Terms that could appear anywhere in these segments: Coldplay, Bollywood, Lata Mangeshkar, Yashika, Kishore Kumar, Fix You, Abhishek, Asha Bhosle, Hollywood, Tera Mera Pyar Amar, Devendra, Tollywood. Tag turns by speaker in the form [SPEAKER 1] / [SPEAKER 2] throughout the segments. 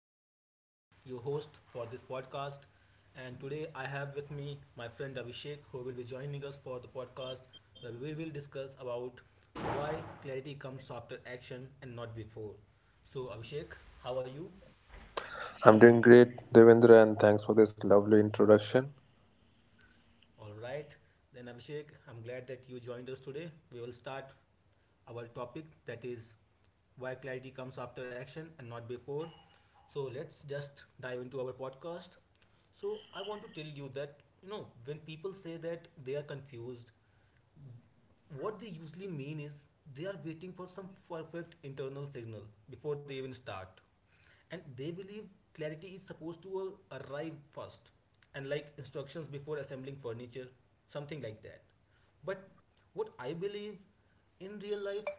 [SPEAKER 1] This is Devendra, your host for this podcast. And today I have with me my friend Abhishek, who will be joining us for the podcast where we will discuss about why clarity comes after action and not before. So, Abhishek, how are you?
[SPEAKER 2] I'm doing great, Devendra, and thanks for this lovely introduction.
[SPEAKER 1] All right, then Abhishek, I'm glad that you joined us today. We will start our topic that is why clarity comes after action and not before. So let's just dive into our podcast. So I want to tell you that you know when people say that they are confused, what they usually mean is they are waiting for some perfect internal signal before they even start, and they believe clarity is supposed to arrive first and like instructions before assembling furniture, something like that. But what I believe, in real life,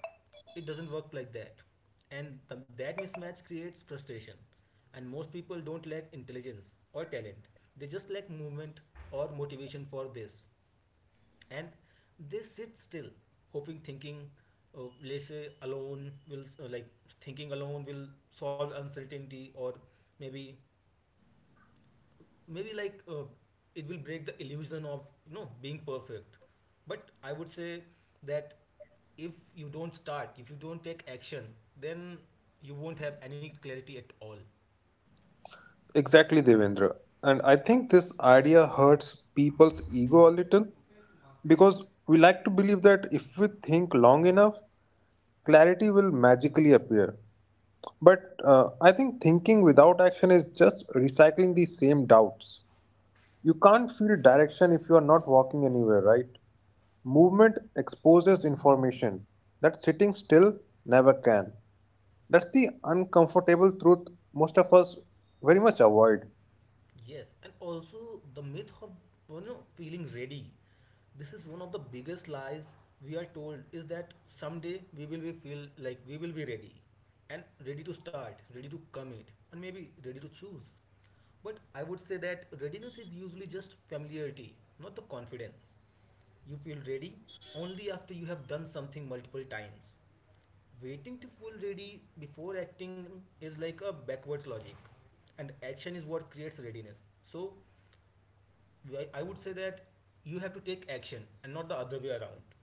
[SPEAKER 1] it doesn't work like that. And that mismatch creates frustration, and most people don't lack intelligence or talent, they just lack movement or motivation for this. And they sit still, hoping, thinking laissez alone will thinking alone will solve uncertainty, or maybe maybe like uh, it will break the illusion of you know being perfect. But I would say that if you don't start, if you don't take action, then you won't have any clarity at all.
[SPEAKER 2] Exactly, Devendra. And I think this idea hurts people's ego a little because we like to believe that if we think long enough, clarity will magically appear. But I think thinking without action is just recycling the same doubts. You can't feel direction if you are not walking anywhere, right? Movement exposes information that sitting still never can. That's the uncomfortable truth most of us very much avoid.
[SPEAKER 1] Yes, and also the myth of you know feeling ready. This is one of the biggest lies we are told, is that someday we will be feel like we will be ready, and ready to start, ready to commit, and maybe ready to choose. But I would say that readiness is usually just familiarity, not the confidence. You feel ready only after you have done something multiple times. Waiting to feel ready before acting is like a backwards logic, and action is what creates readiness. So I would say that you have to take action, and not the other way around.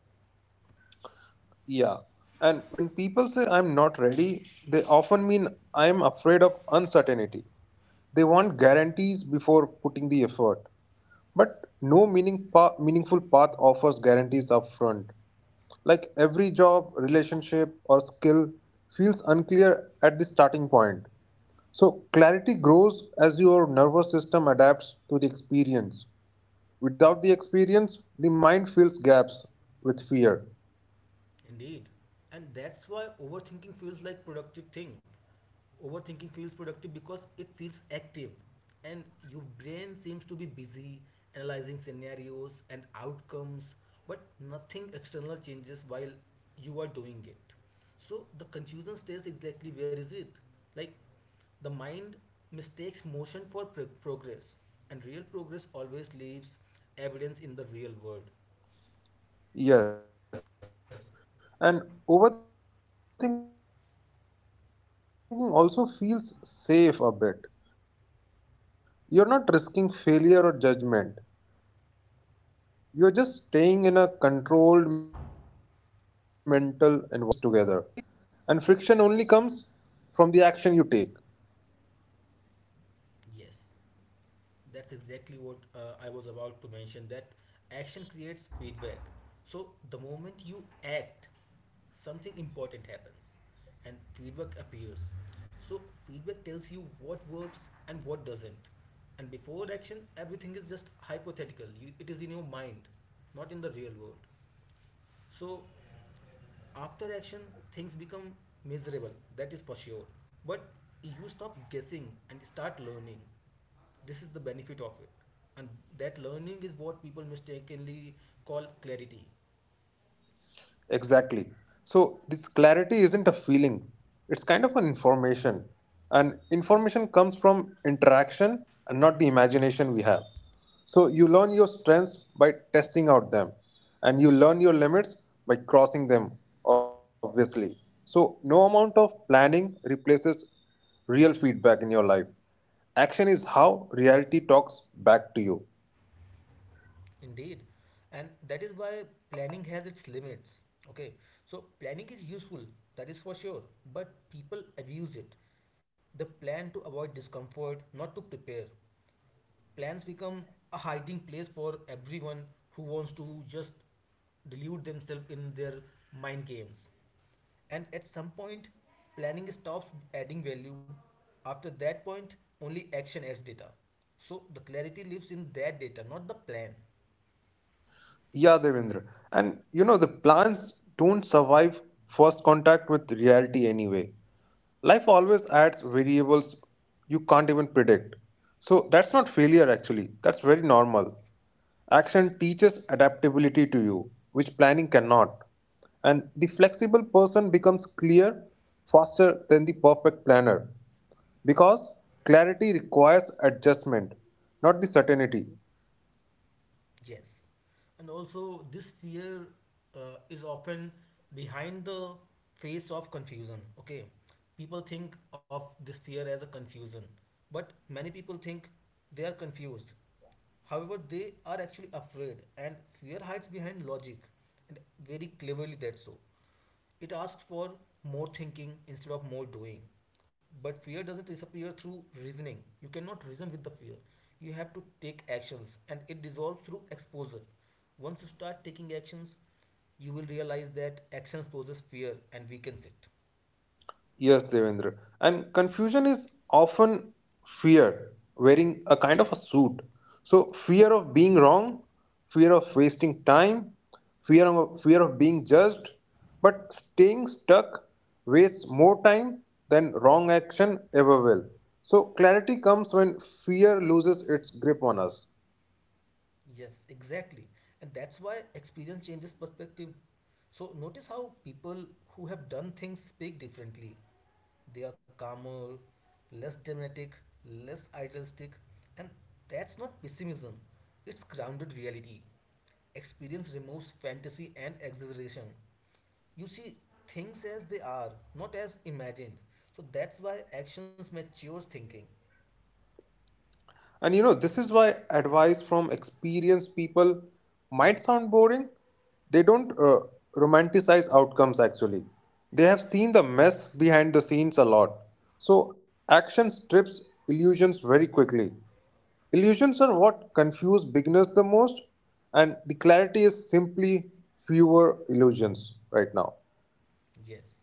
[SPEAKER 2] Yeah. And when people say I'm not ready, they often mean I'm afraid of uncertainty. They want guarantees before putting the effort. But no meaningful path offers guarantees upfront. Like every job, relationship, or skill feels unclear at the starting point. So clarity grows as your nervous system adapts to the experience. Without the experience, the mind fills gaps with fear.
[SPEAKER 1] Indeed. And that's why overthinking feels like productive thing. Overthinking feels productive because it feels active, and your brain seems to be busy analyzing scenarios and outcomes, but nothing external changes while you are doing it. So the confusion stays exactly where is it? Like, the mind mistakes motion for progress, and real progress always leaves evidence in the real world.
[SPEAKER 2] Yes, and overthinking also feels safe a bit. You're not risking failure or judgment. You're just staying in a controlled mental environment. But safety and growth rarely coexist together. So, clarity requires some friction with the reality, and friction only comes from the action you take.
[SPEAKER 1] Yes. That's exactly what I was about to mention, that action creates feedback. So the moment you act, something important happens and feedback appears. So feedback tells you what works and what doesn't. And before action, everything is just hypothetical. You, it is in your mind, not in the real world. So after action, things become miserable, that is for sure, but you stop guessing and start learning, this is the benefit of it. And that learning is what people mistakenly call clarity.
[SPEAKER 2] Exactly. So this clarity isn't a feeling. It's kind of an information. And information comes from interaction and not the imagination we have. So you learn your strengths by testing out them. And you learn your limits by crossing them, obviously. So no amount of planning replaces real feedback in your life. Action is how reality talks back to you.
[SPEAKER 1] Indeed. And that is why planning has its limits. Okay. So planning is useful, that is for sure. But people abuse it. They plan to avoid discomfort, not to prepare. Plans become a hiding place for everyone who wants to just delude themselves in their mind games. And at some point, planning stops adding value. After that point, only action adds data. So the clarity lives in that data, not the plan.
[SPEAKER 2] Yeah, Devendra. And you know, the plans don't survive first contact with reality anyway. Life always adds variables you can't even predict. So that's not failure actually, that's very normal. Action teaches adaptability to you, which planning cannot. And the flexible person becomes clear faster than the perfect planner because clarity requires adjustment, not the certainty.
[SPEAKER 1] Yes. And also, this fear is often behind the face of confusion. Okay, people think of this fear as a confusion, but many people think they are confused. However, they are actually afraid, and fear hides behind logic, and very cleverly that's so. It asks for more thinking instead of more doing. But fear doesn't disappear through reasoning. You cannot reason with the fear. You have to take actions, and it dissolves through exposure. Once you start taking actions, you will realize that actions poses fear and weakens it.
[SPEAKER 2] Yes, Devendra. And confusion is often fear, wearing a kind of a suit. So fear of being wrong, fear of wasting time, fear of being judged. But staying stuck wastes more time than wrong action ever will. So clarity comes when fear loses its grip on us.
[SPEAKER 1] Yes, exactly. And that's why experience changes perspective. So notice how people who have done things speak differently. They are calmer, less dramatic, less idealistic, and that's not pessimism, it's grounded reality. Experience removes fantasy and exaggeration. You see things as they are, not as imagined. So that's why actions matures thinking.
[SPEAKER 2] And you know, this is why advice from experienced people might sound boring. They don't romanticize outcomes actually. They have seen the mess behind the scenes a lot. So, action strips illusions very quickly. Illusions are what confuse beginners the most, and the clarity is simply fewer illusions right now.
[SPEAKER 1] Yes.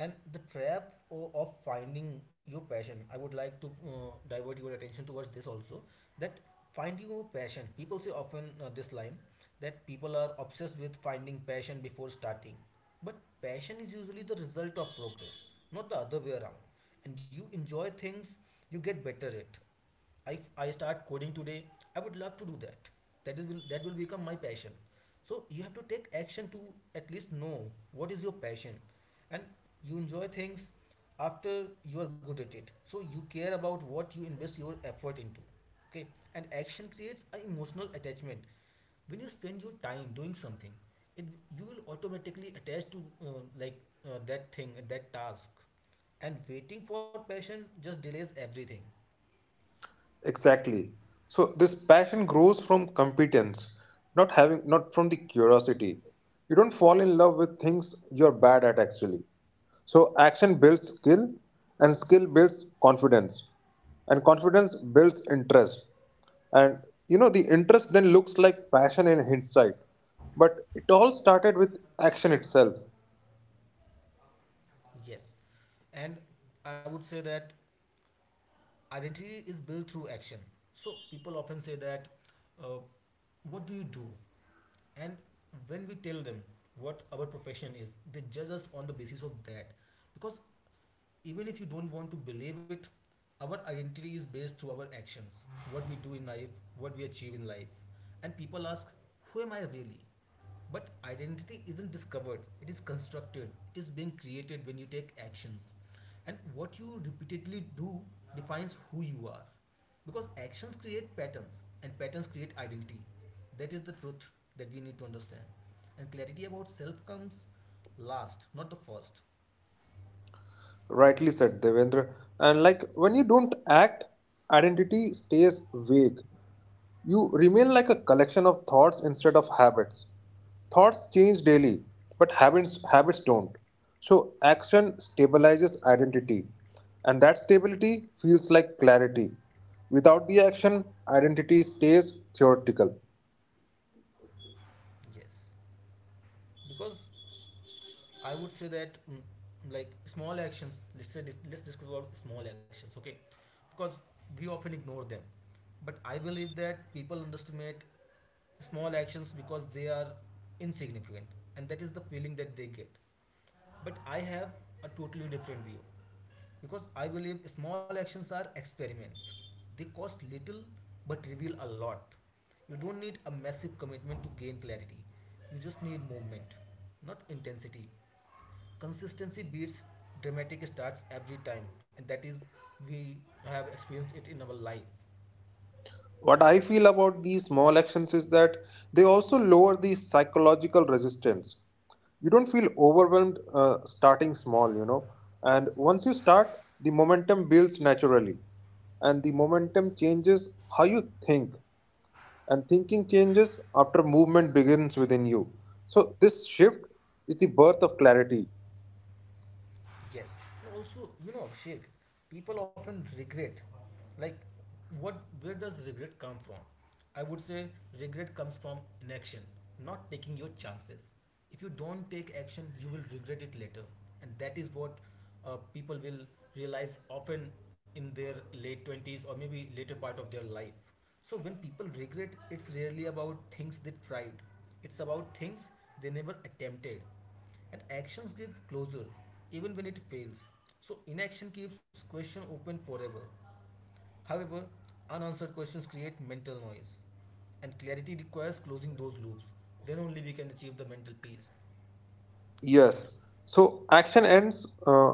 [SPEAKER 1] And the trap of finding your passion, I would like to divert your attention towards this also, that finding your passion. People say often this line, that people are obsessed with finding passion before starting. But passion is usually the result of progress, not the other way around. And you enjoy things, you get better at. If I start coding today, I would love to do that. That is will that will become my passion. So you have to take action to at least know what is your passion, and you enjoy things after you are good at it. So you care about what you invest your effort into. Okay, and action creates an emotional attachment. When you spend your time doing something, it you will automatically attach to that thing, that task, and waiting for passion just delays everything.
[SPEAKER 2] Exactly. So this passion grows from competence, not from the curiosity. You don't fall in love with things you're bad at actually. So action builds skill and skill builds confidence. And confidence builds interest. And you know the interest then looks like passion in hindsight. But it all started with action itself.
[SPEAKER 1] Yes. And I would say that identity is built through action. So people often say that, uh, what do you do? And when we tell them what our profession is, they judge us on the basis of that. Because even if you don't want to believe it, our identity is based through our actions, what we do in life, what we achieve in life. And people ask, who am I really? But identity isn't discovered, it is constructed, it is being created when you take actions. And what you repeatedly do defines who you are. Because actions create patterns, and patterns create identity. That is the truth that we need to understand. And clarity about self comes last, not the first.
[SPEAKER 2] Rightly said, Devendra. And like when you don't act, identity stays vague. You remain like a collection of thoughts instead of habits. Thoughts change daily, but habits don't. So, action stabilizes identity, and that stability feels like clarity. Without the action, identity stays theoretical.
[SPEAKER 1] Yes. Because I would say that small actions. Let's say let's discuss about small actions, okay? Because we often ignore them, but I believe that people underestimate small actions because they are insignificant, and that is the feeling that they get. But I have a totally different view, because I believe small actions are experiments. They cost little but reveal a lot. You don't need a massive commitment to gain clarity. You just need movement, not intensity. Consistency beats dramatic starts every time, and that is we have experienced it in our life.
[SPEAKER 2] What I feel about these small actions is that they also lower the psychological resistance. You don't feel overwhelmed starting small, you know. And once you start, the momentum builds naturally. And the momentum changes how you think. And thinking changes after movement begins within you. So, this shift is the birth of clarity.
[SPEAKER 1] Yes. And also, you know, Sheikh, people often regret. Like, what? Where does regret come from? I would say regret comes from inaction, not taking your chances. If you don't take action, you will regret it later, and that is what people will realize often in their late 20s or maybe later part of their life. So when people regret, it's rarely about things they tried. It's about things they never attempted, and actions give closure even when it fails. So inaction keeps question open forever. However, unanswered questions create mental noise. And clarity requires closing those loops. Then only we can achieve the mental peace.
[SPEAKER 2] Yes. So action ends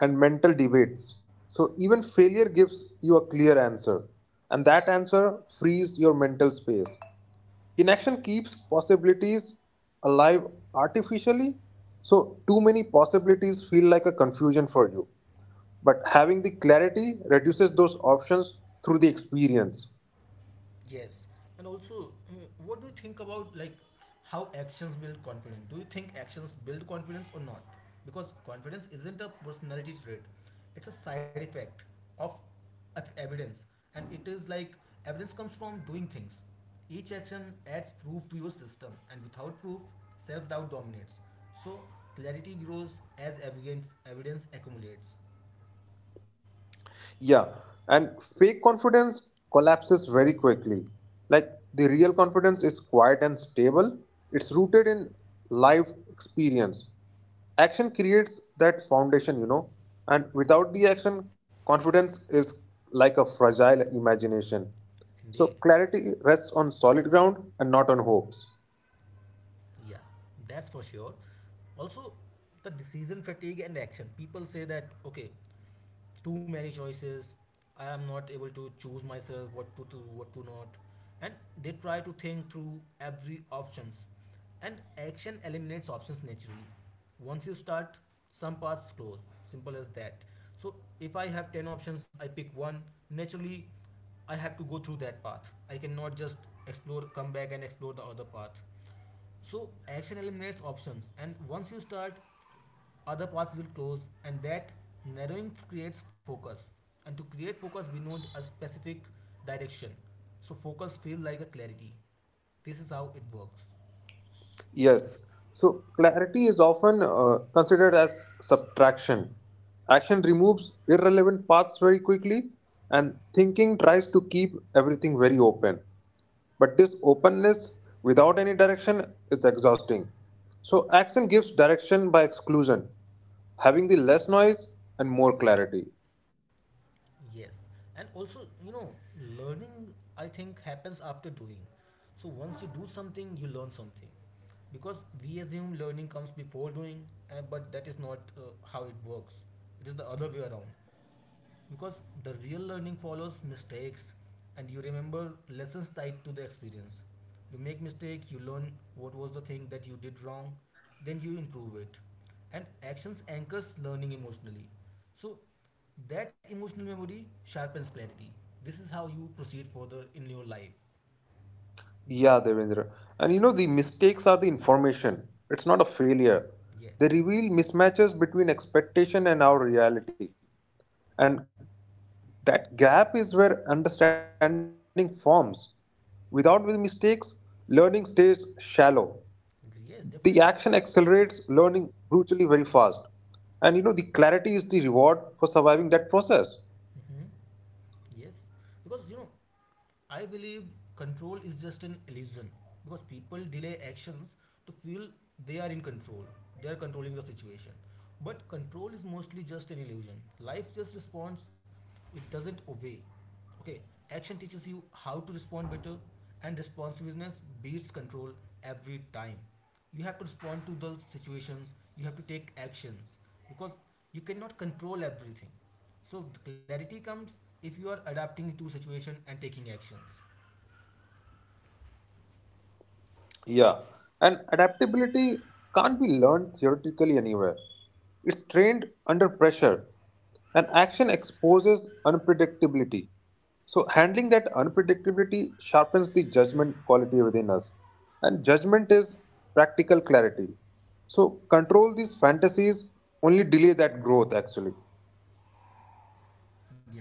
[SPEAKER 2] and mental debates. So even failure gives you a clear answer, and that answer frees your mental space. Inaction keeps possibilities alive artificially. So too many possibilities feel like a confusion for you. But having the clarity reduces those options through the experience.
[SPEAKER 1] Yes, and also, what do you think about like how actions build confidence? Do you think actions build confidence or not? Because confidence isn't a personality trait; it's a side effect of, of evidence, and it is like evidence comes from doing things. Each action adds proof to your system, and without proof, self-doubt dominates. So clarity grows as evidence accumulates.
[SPEAKER 2] Yeah, and fake confidence collapses very quickly. Like the real confidence is quiet and stable, it's rooted in life experience. Action creates that foundation, you know, and without the action, confidence is like a fragile imagination.
[SPEAKER 1] Indeed.
[SPEAKER 2] So clarity rests on solid ground and not on hopes.
[SPEAKER 1] Yeah, that's for sure. Also, the decision fatigue and action. People say that okay, too many choices. I am not able to choose myself what to do, what to not, and they try to think through every options. And action eliminates options naturally. Once you start, some paths close. Simple as that. So if I have ten options, I pick one. Naturally, I have to go through that path. I cannot just explore, come back and explore the other path. So action eliminates options, and once you start, other paths will close, and that narrowing creates focus. And to create focus, we need a specific direction. So focus feels like a clarity. This is how it works.
[SPEAKER 2] Yes. So clarity is often considered as subtraction. Action removes irrelevant paths very quickly, and thinking tries to keep everything very open. But this openness without any direction is exhausting. So action gives direction by exclusion, having the less noise and more clarity.
[SPEAKER 1] Yes, and also you know, learning I think happens after doing. So once you do something, you learn something, because we assume learning comes before doing, but that is not how it works, it is the other way around. Because the real learning follows mistakes, and you remember lessons tied to the experience. You make mistake, you learn what was the thing that you did wrong, then you improve it. And actions anchors learning emotionally, so that emotional memory sharpens clarity. This is how you proceed further in your life.
[SPEAKER 2] Yeah, Devendra. And you know, the mistakes are the information. It's not a failure.
[SPEAKER 1] Yes.
[SPEAKER 2] They reveal mismatches between expectation and our reality. And that gap is where understanding forms. Without the mistakes, learning stays shallow. The action
[SPEAKER 1] Yes,
[SPEAKER 2] accelerates
[SPEAKER 1] definitely.
[SPEAKER 2] learning brutally very fast. And you know, the clarity is the reward for surviving that process.
[SPEAKER 1] Hmm. Yes, because you know, I believe control is just an illusion, because people delay actions to feel they are in control, they are controlling the situation. But control is mostly just an illusion. Life just responds, it doesn't obey. Okay, action teaches you how to respond better, and responsiveness beats control every time. You have to respond to those situations. You have to take actions because you cannot control everything, so the clarity comes if you are adapting to situation and taking actions.
[SPEAKER 2] Yeah, and adaptability can't be learned theoretically anywhere. It's trained under pressure, and action exposes unpredictability. So, handling that unpredictability sharpens the judgment quality within us. And judgment is practical clarity. So, control these fantasies only delay that growth actually.
[SPEAKER 1] Yes.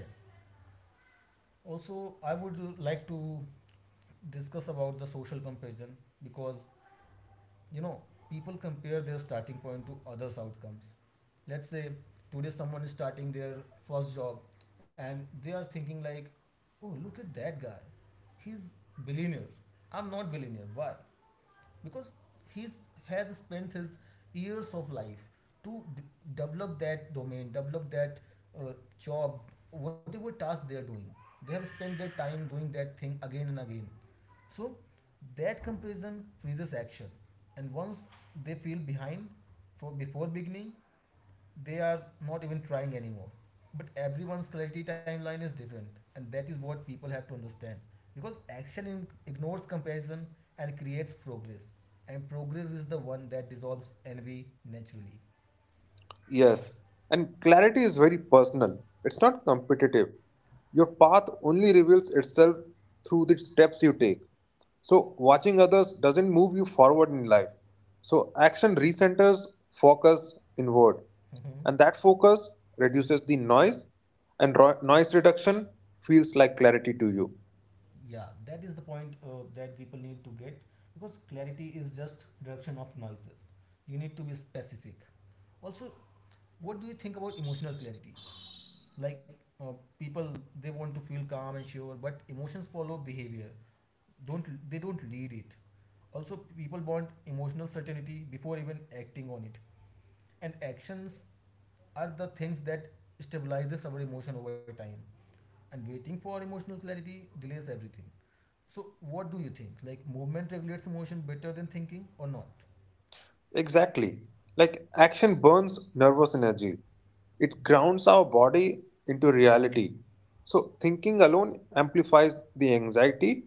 [SPEAKER 1] Also, I would like to discuss about the social comparison because you know people compare their starting point to others' outcomes. Let's say today someone is starting their first job and they are thinking like, oh look at that guy, he's billionaire, I'm not billionaire, why? Because he's has spent his years of life to develop that domain, develop that uh, job, whatever task they are doing, they have spent their time doing that thing again and again. So that comparison freezes action, and once they feel behind for before beginning, they are not even trying anymore. But everyone's clarity timeline is different, and that is what people have to understand. Because action ignores comparison and creates progress, and progress is the one that dissolves envy naturally.
[SPEAKER 2] Yes, and clarity is very personal. It's not competitive. Your path only reveals itself through the steps you take. So, watching others doesn't move you forward in life. So, action recenters focus inward,
[SPEAKER 1] Mhm.
[SPEAKER 2] and that focus reduces the noise, and noise reduction feels like clarity to you.
[SPEAKER 1] Yeah, that is the point that people need to get because clarity is just reduction of noises. You need to be specific. Also, what do you think about emotional clarity? Like people, they want to feel calm and sure, but emotions follow behavior. Don't They don't lead it. Also, people want emotional certainty before even acting on it, and actions are the things that stabilizes our emotion over time, and waiting for emotional clarity delays everything. So what do you think, like, movement regulates emotion better than thinking or not?
[SPEAKER 2] Exactly. Like action burns nervous energy. It grounds our body into reality. So thinking alone amplifies the anxiety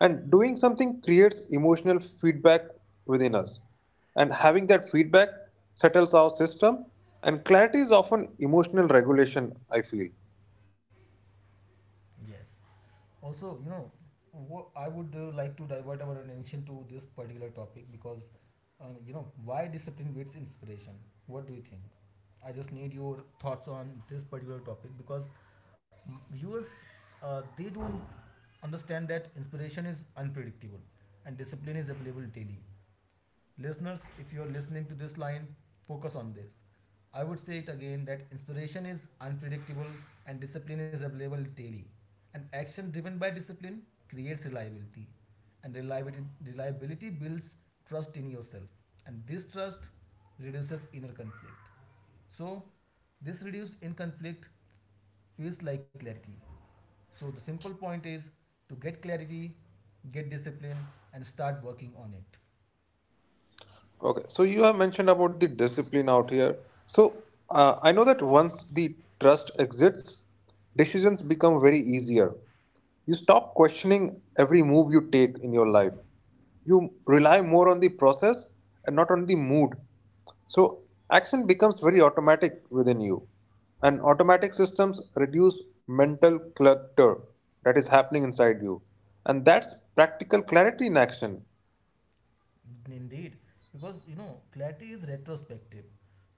[SPEAKER 2] and doing something creates emotional feedback within us. And having that feedback settles our system and clarity is often emotional regulation, I feel.
[SPEAKER 1] Yes. Also, you know, what I would like to divert our attention to this particular topic, because you know, why discipline beats inspiration? What do you think? I just need your thoughts on this particular topic because viewers, they don't understand that inspiration is unpredictable and discipline is available daily. Listeners, if you're listening to this line, focus on this. I would say it again that inspiration is unpredictable and discipline is available daily. And action driven by discipline creates reliability. And reliability, builds trust in yourself. And this trust reduces inner conflict. So this reduced in conflict feels like clarity. So the simple point is, to get clarity, get discipline, and start working on it.
[SPEAKER 2] Okay, so you have mentioned about the discipline out here. So I know that once the trust exists, decisions become very easier. You stop questioning every move you take in your life. You rely more on the process and not on the mood. So action becomes very automatic within you. And automatic systems reduce mental clutter that is happening inside you. And that's practical clarity in action.
[SPEAKER 1] Indeed, because you know, clarity is retrospective.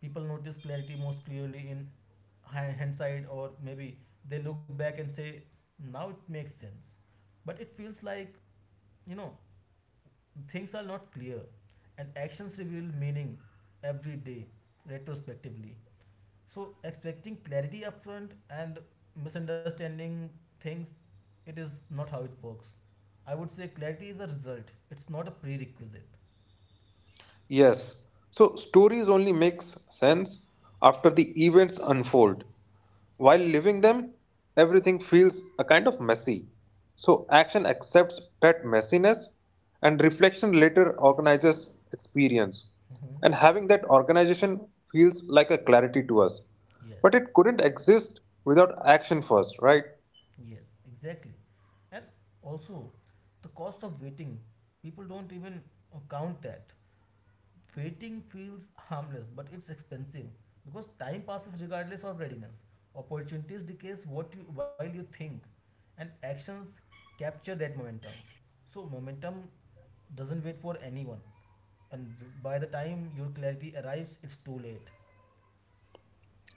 [SPEAKER 1] People notice clarity most clearly in hindsight, or maybe they look back and say, now it makes sense. But it feels like, you know, things are not clear, and actions reveal meaning every day retrospectively. So expecting clarity upfront and misunderstanding things, it is not how it works. I would say clarity is a result, it's not a prerequisite.
[SPEAKER 2] Yes. So stories only makes sense after the events unfold. While living them, everything feels a kind of messy. So action accepts that messiness and reflection later organizes experience.
[SPEAKER 1] Hmm.
[SPEAKER 2] And having that organization feels like a clarity to us. But
[SPEAKER 1] Yes.
[SPEAKER 2] it couldn't exist without action first, right?
[SPEAKER 1] Yes, exactly. And also, the cost of waiting, people don't even count that. Waiting feels harmless, but it's expensive because time passes regardless of readiness. Opportunities decays what you, while you think, and actions capture that momentum. So momentum doesn't wait for anyone, and by the time your clarity arrives, it's too late.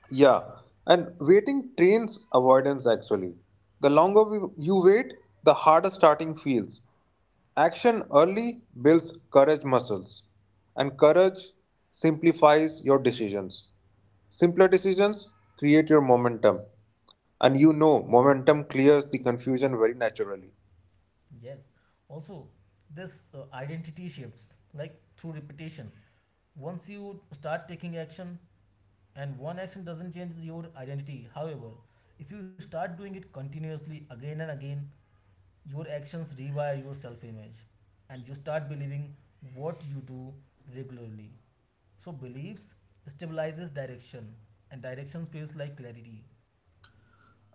[SPEAKER 2] Yeah, and waiting trains avoidance actually. You wait, the harder starting feels. Action early builds courage muscles, and courage simplifies your decisions. Simpler decisions create your momentum, and you know momentum clears the confusion very naturally.
[SPEAKER 1] Yes. Also, this identity shifts like through repetition. Once you start taking action, and one action doesn't change your identity, however if you start doing it continuously again and again, your actions rewire your self-image, and you start believing what you do regularly. So beliefs stabilizes direction, and direction feels like clarity.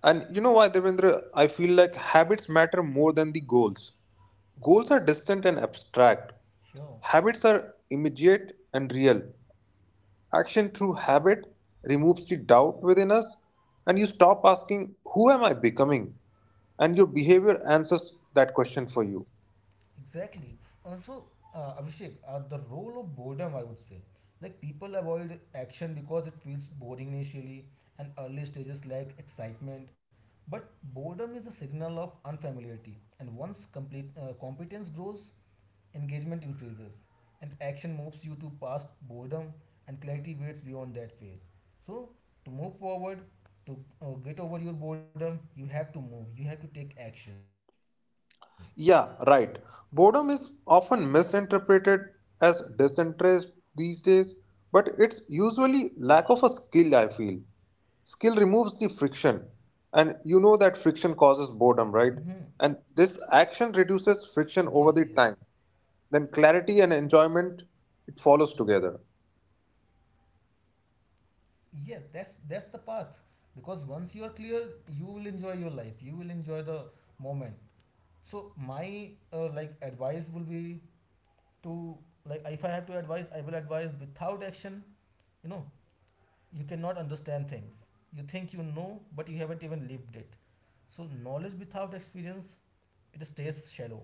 [SPEAKER 2] And you know why, Devendra? I feel like habits matter more than the goals. Goals are distant and abstract.
[SPEAKER 1] Sure.
[SPEAKER 2] Habits are immediate and real. Action through habit removes the doubt within us, and you stop asking, who am I becoming? And your behavior answers that question for you.
[SPEAKER 1] Exactly. Also, Abhishek, the role of boredom, I would say. Like, people avoid action because it feels boring initially, and early stages lack excitement. But boredom is a signal of unfamiliarity, and once complete competence grows, engagement increases, and action moves you to past boredom, and clarity waits beyond that phase. So to move forward, to get over your boredom, you have to move, you have to take action.
[SPEAKER 2] Yeah, right. Boredom is often misinterpreted as disinterest these days, but it's usually lack of a skill, I feel. Skill removes the friction, and you know that friction causes
[SPEAKER 1] Hmm.
[SPEAKER 2] boredom, right? And this action reduces friction
[SPEAKER 1] Yes,
[SPEAKER 2] over
[SPEAKER 1] yes.
[SPEAKER 2] the time. Then clarity and enjoyment it follows together.
[SPEAKER 1] Yes, that's the path. Because once you are clear, you will enjoy your life, you will enjoy the moment. So my like advice will be to, like, if I have to advise, I will advise without action, you know, you cannot understand things. You think you know, but you haven't even lived it. So knowledge without experience, it stays shallow,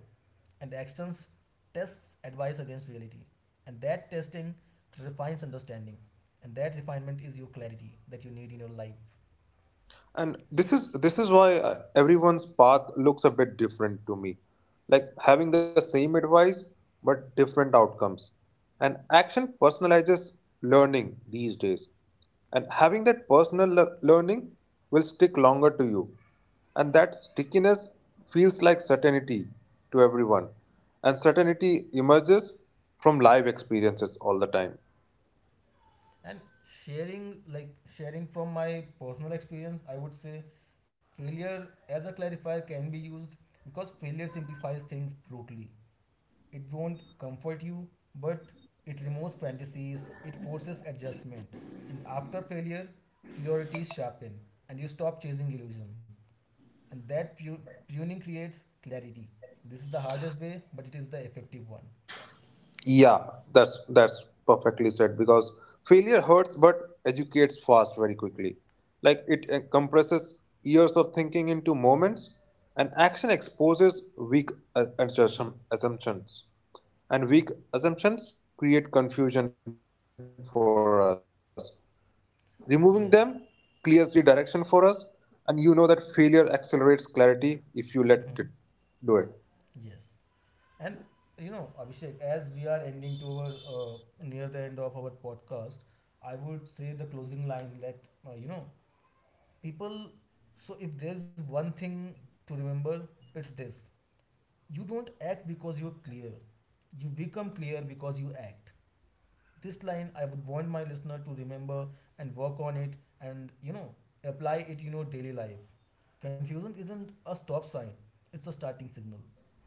[SPEAKER 1] and actions tests advice against reality. And that testing refines understanding. And that refinement is your clarity that you need in your life.
[SPEAKER 2] And this is why everyone's path looks a bit different to me, like having the same advice but different outcomes. And action personalizes learning these days, and having that learning will stick longer to you, and that stickiness feels like certainty to everyone. And certainty emerges from live experiences all the time.
[SPEAKER 1] And sharing, like sharing from my personal experience, I would say failure as a clarifier can be used because failure simplifies things brutally. It won't comfort you, but it removes fantasies, it forces adjustment. And after failure, priorities sharpen and you stop chasing illusion, and that tuning creates clarity. This is the hardest way, but it is the effective one.
[SPEAKER 2] Yeah, that's perfectly said because failure hurts but educates fast very quickly. Like it compresses years of thinking into moments and action exposes assumptions. And weak assumptions create confusion for us. Removing them clears the direction for
[SPEAKER 1] Yeah.
[SPEAKER 2] us, and you know that failure accelerates clarity if you let it do it.
[SPEAKER 1] Hmm. Yes. And you know, Abhishek, as we are ending to our near the end of our podcast, I would say the closing line that you know, people. So if there's one thing to remember, it's this: you don't act because you're clear. You become clear because you act. This line I would want my listener to remember and work on it and, you know, apply it in your daily life. Confusion isn't a stop sign, it's a starting signal.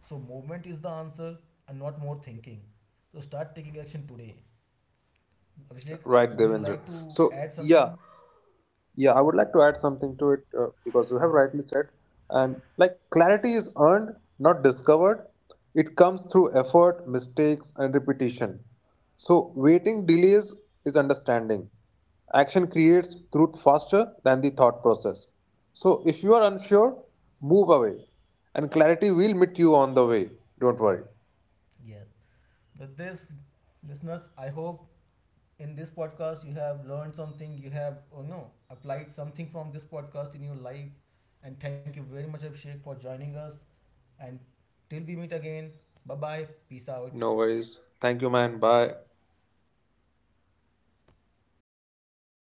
[SPEAKER 1] So movement is the answer and not more thinking. So start taking action today. Abhishek,
[SPEAKER 2] Right,
[SPEAKER 1] would you
[SPEAKER 2] Devendra.
[SPEAKER 1] like to
[SPEAKER 2] So
[SPEAKER 1] add
[SPEAKER 2] yeah,
[SPEAKER 1] something?
[SPEAKER 2] Yeah, I would like to add something to it because you have rightly said, and like clarity is earned, not discovered. It comes through effort, mistakes, and repetition. So, waiting delays is understanding. Action creates truth faster than the thought process. So, if you are unsure, move away, and clarity will meet you on the way. Don't worry.
[SPEAKER 1] Yes. With this, listeners, I hope in this podcast you have learned something, you have oh no applied something from this podcast in your life. And thank you very much, Abhishek, for joining us. And till we meet again, bye bye, peace out.
[SPEAKER 2] No worries. Thank you, man. Bye.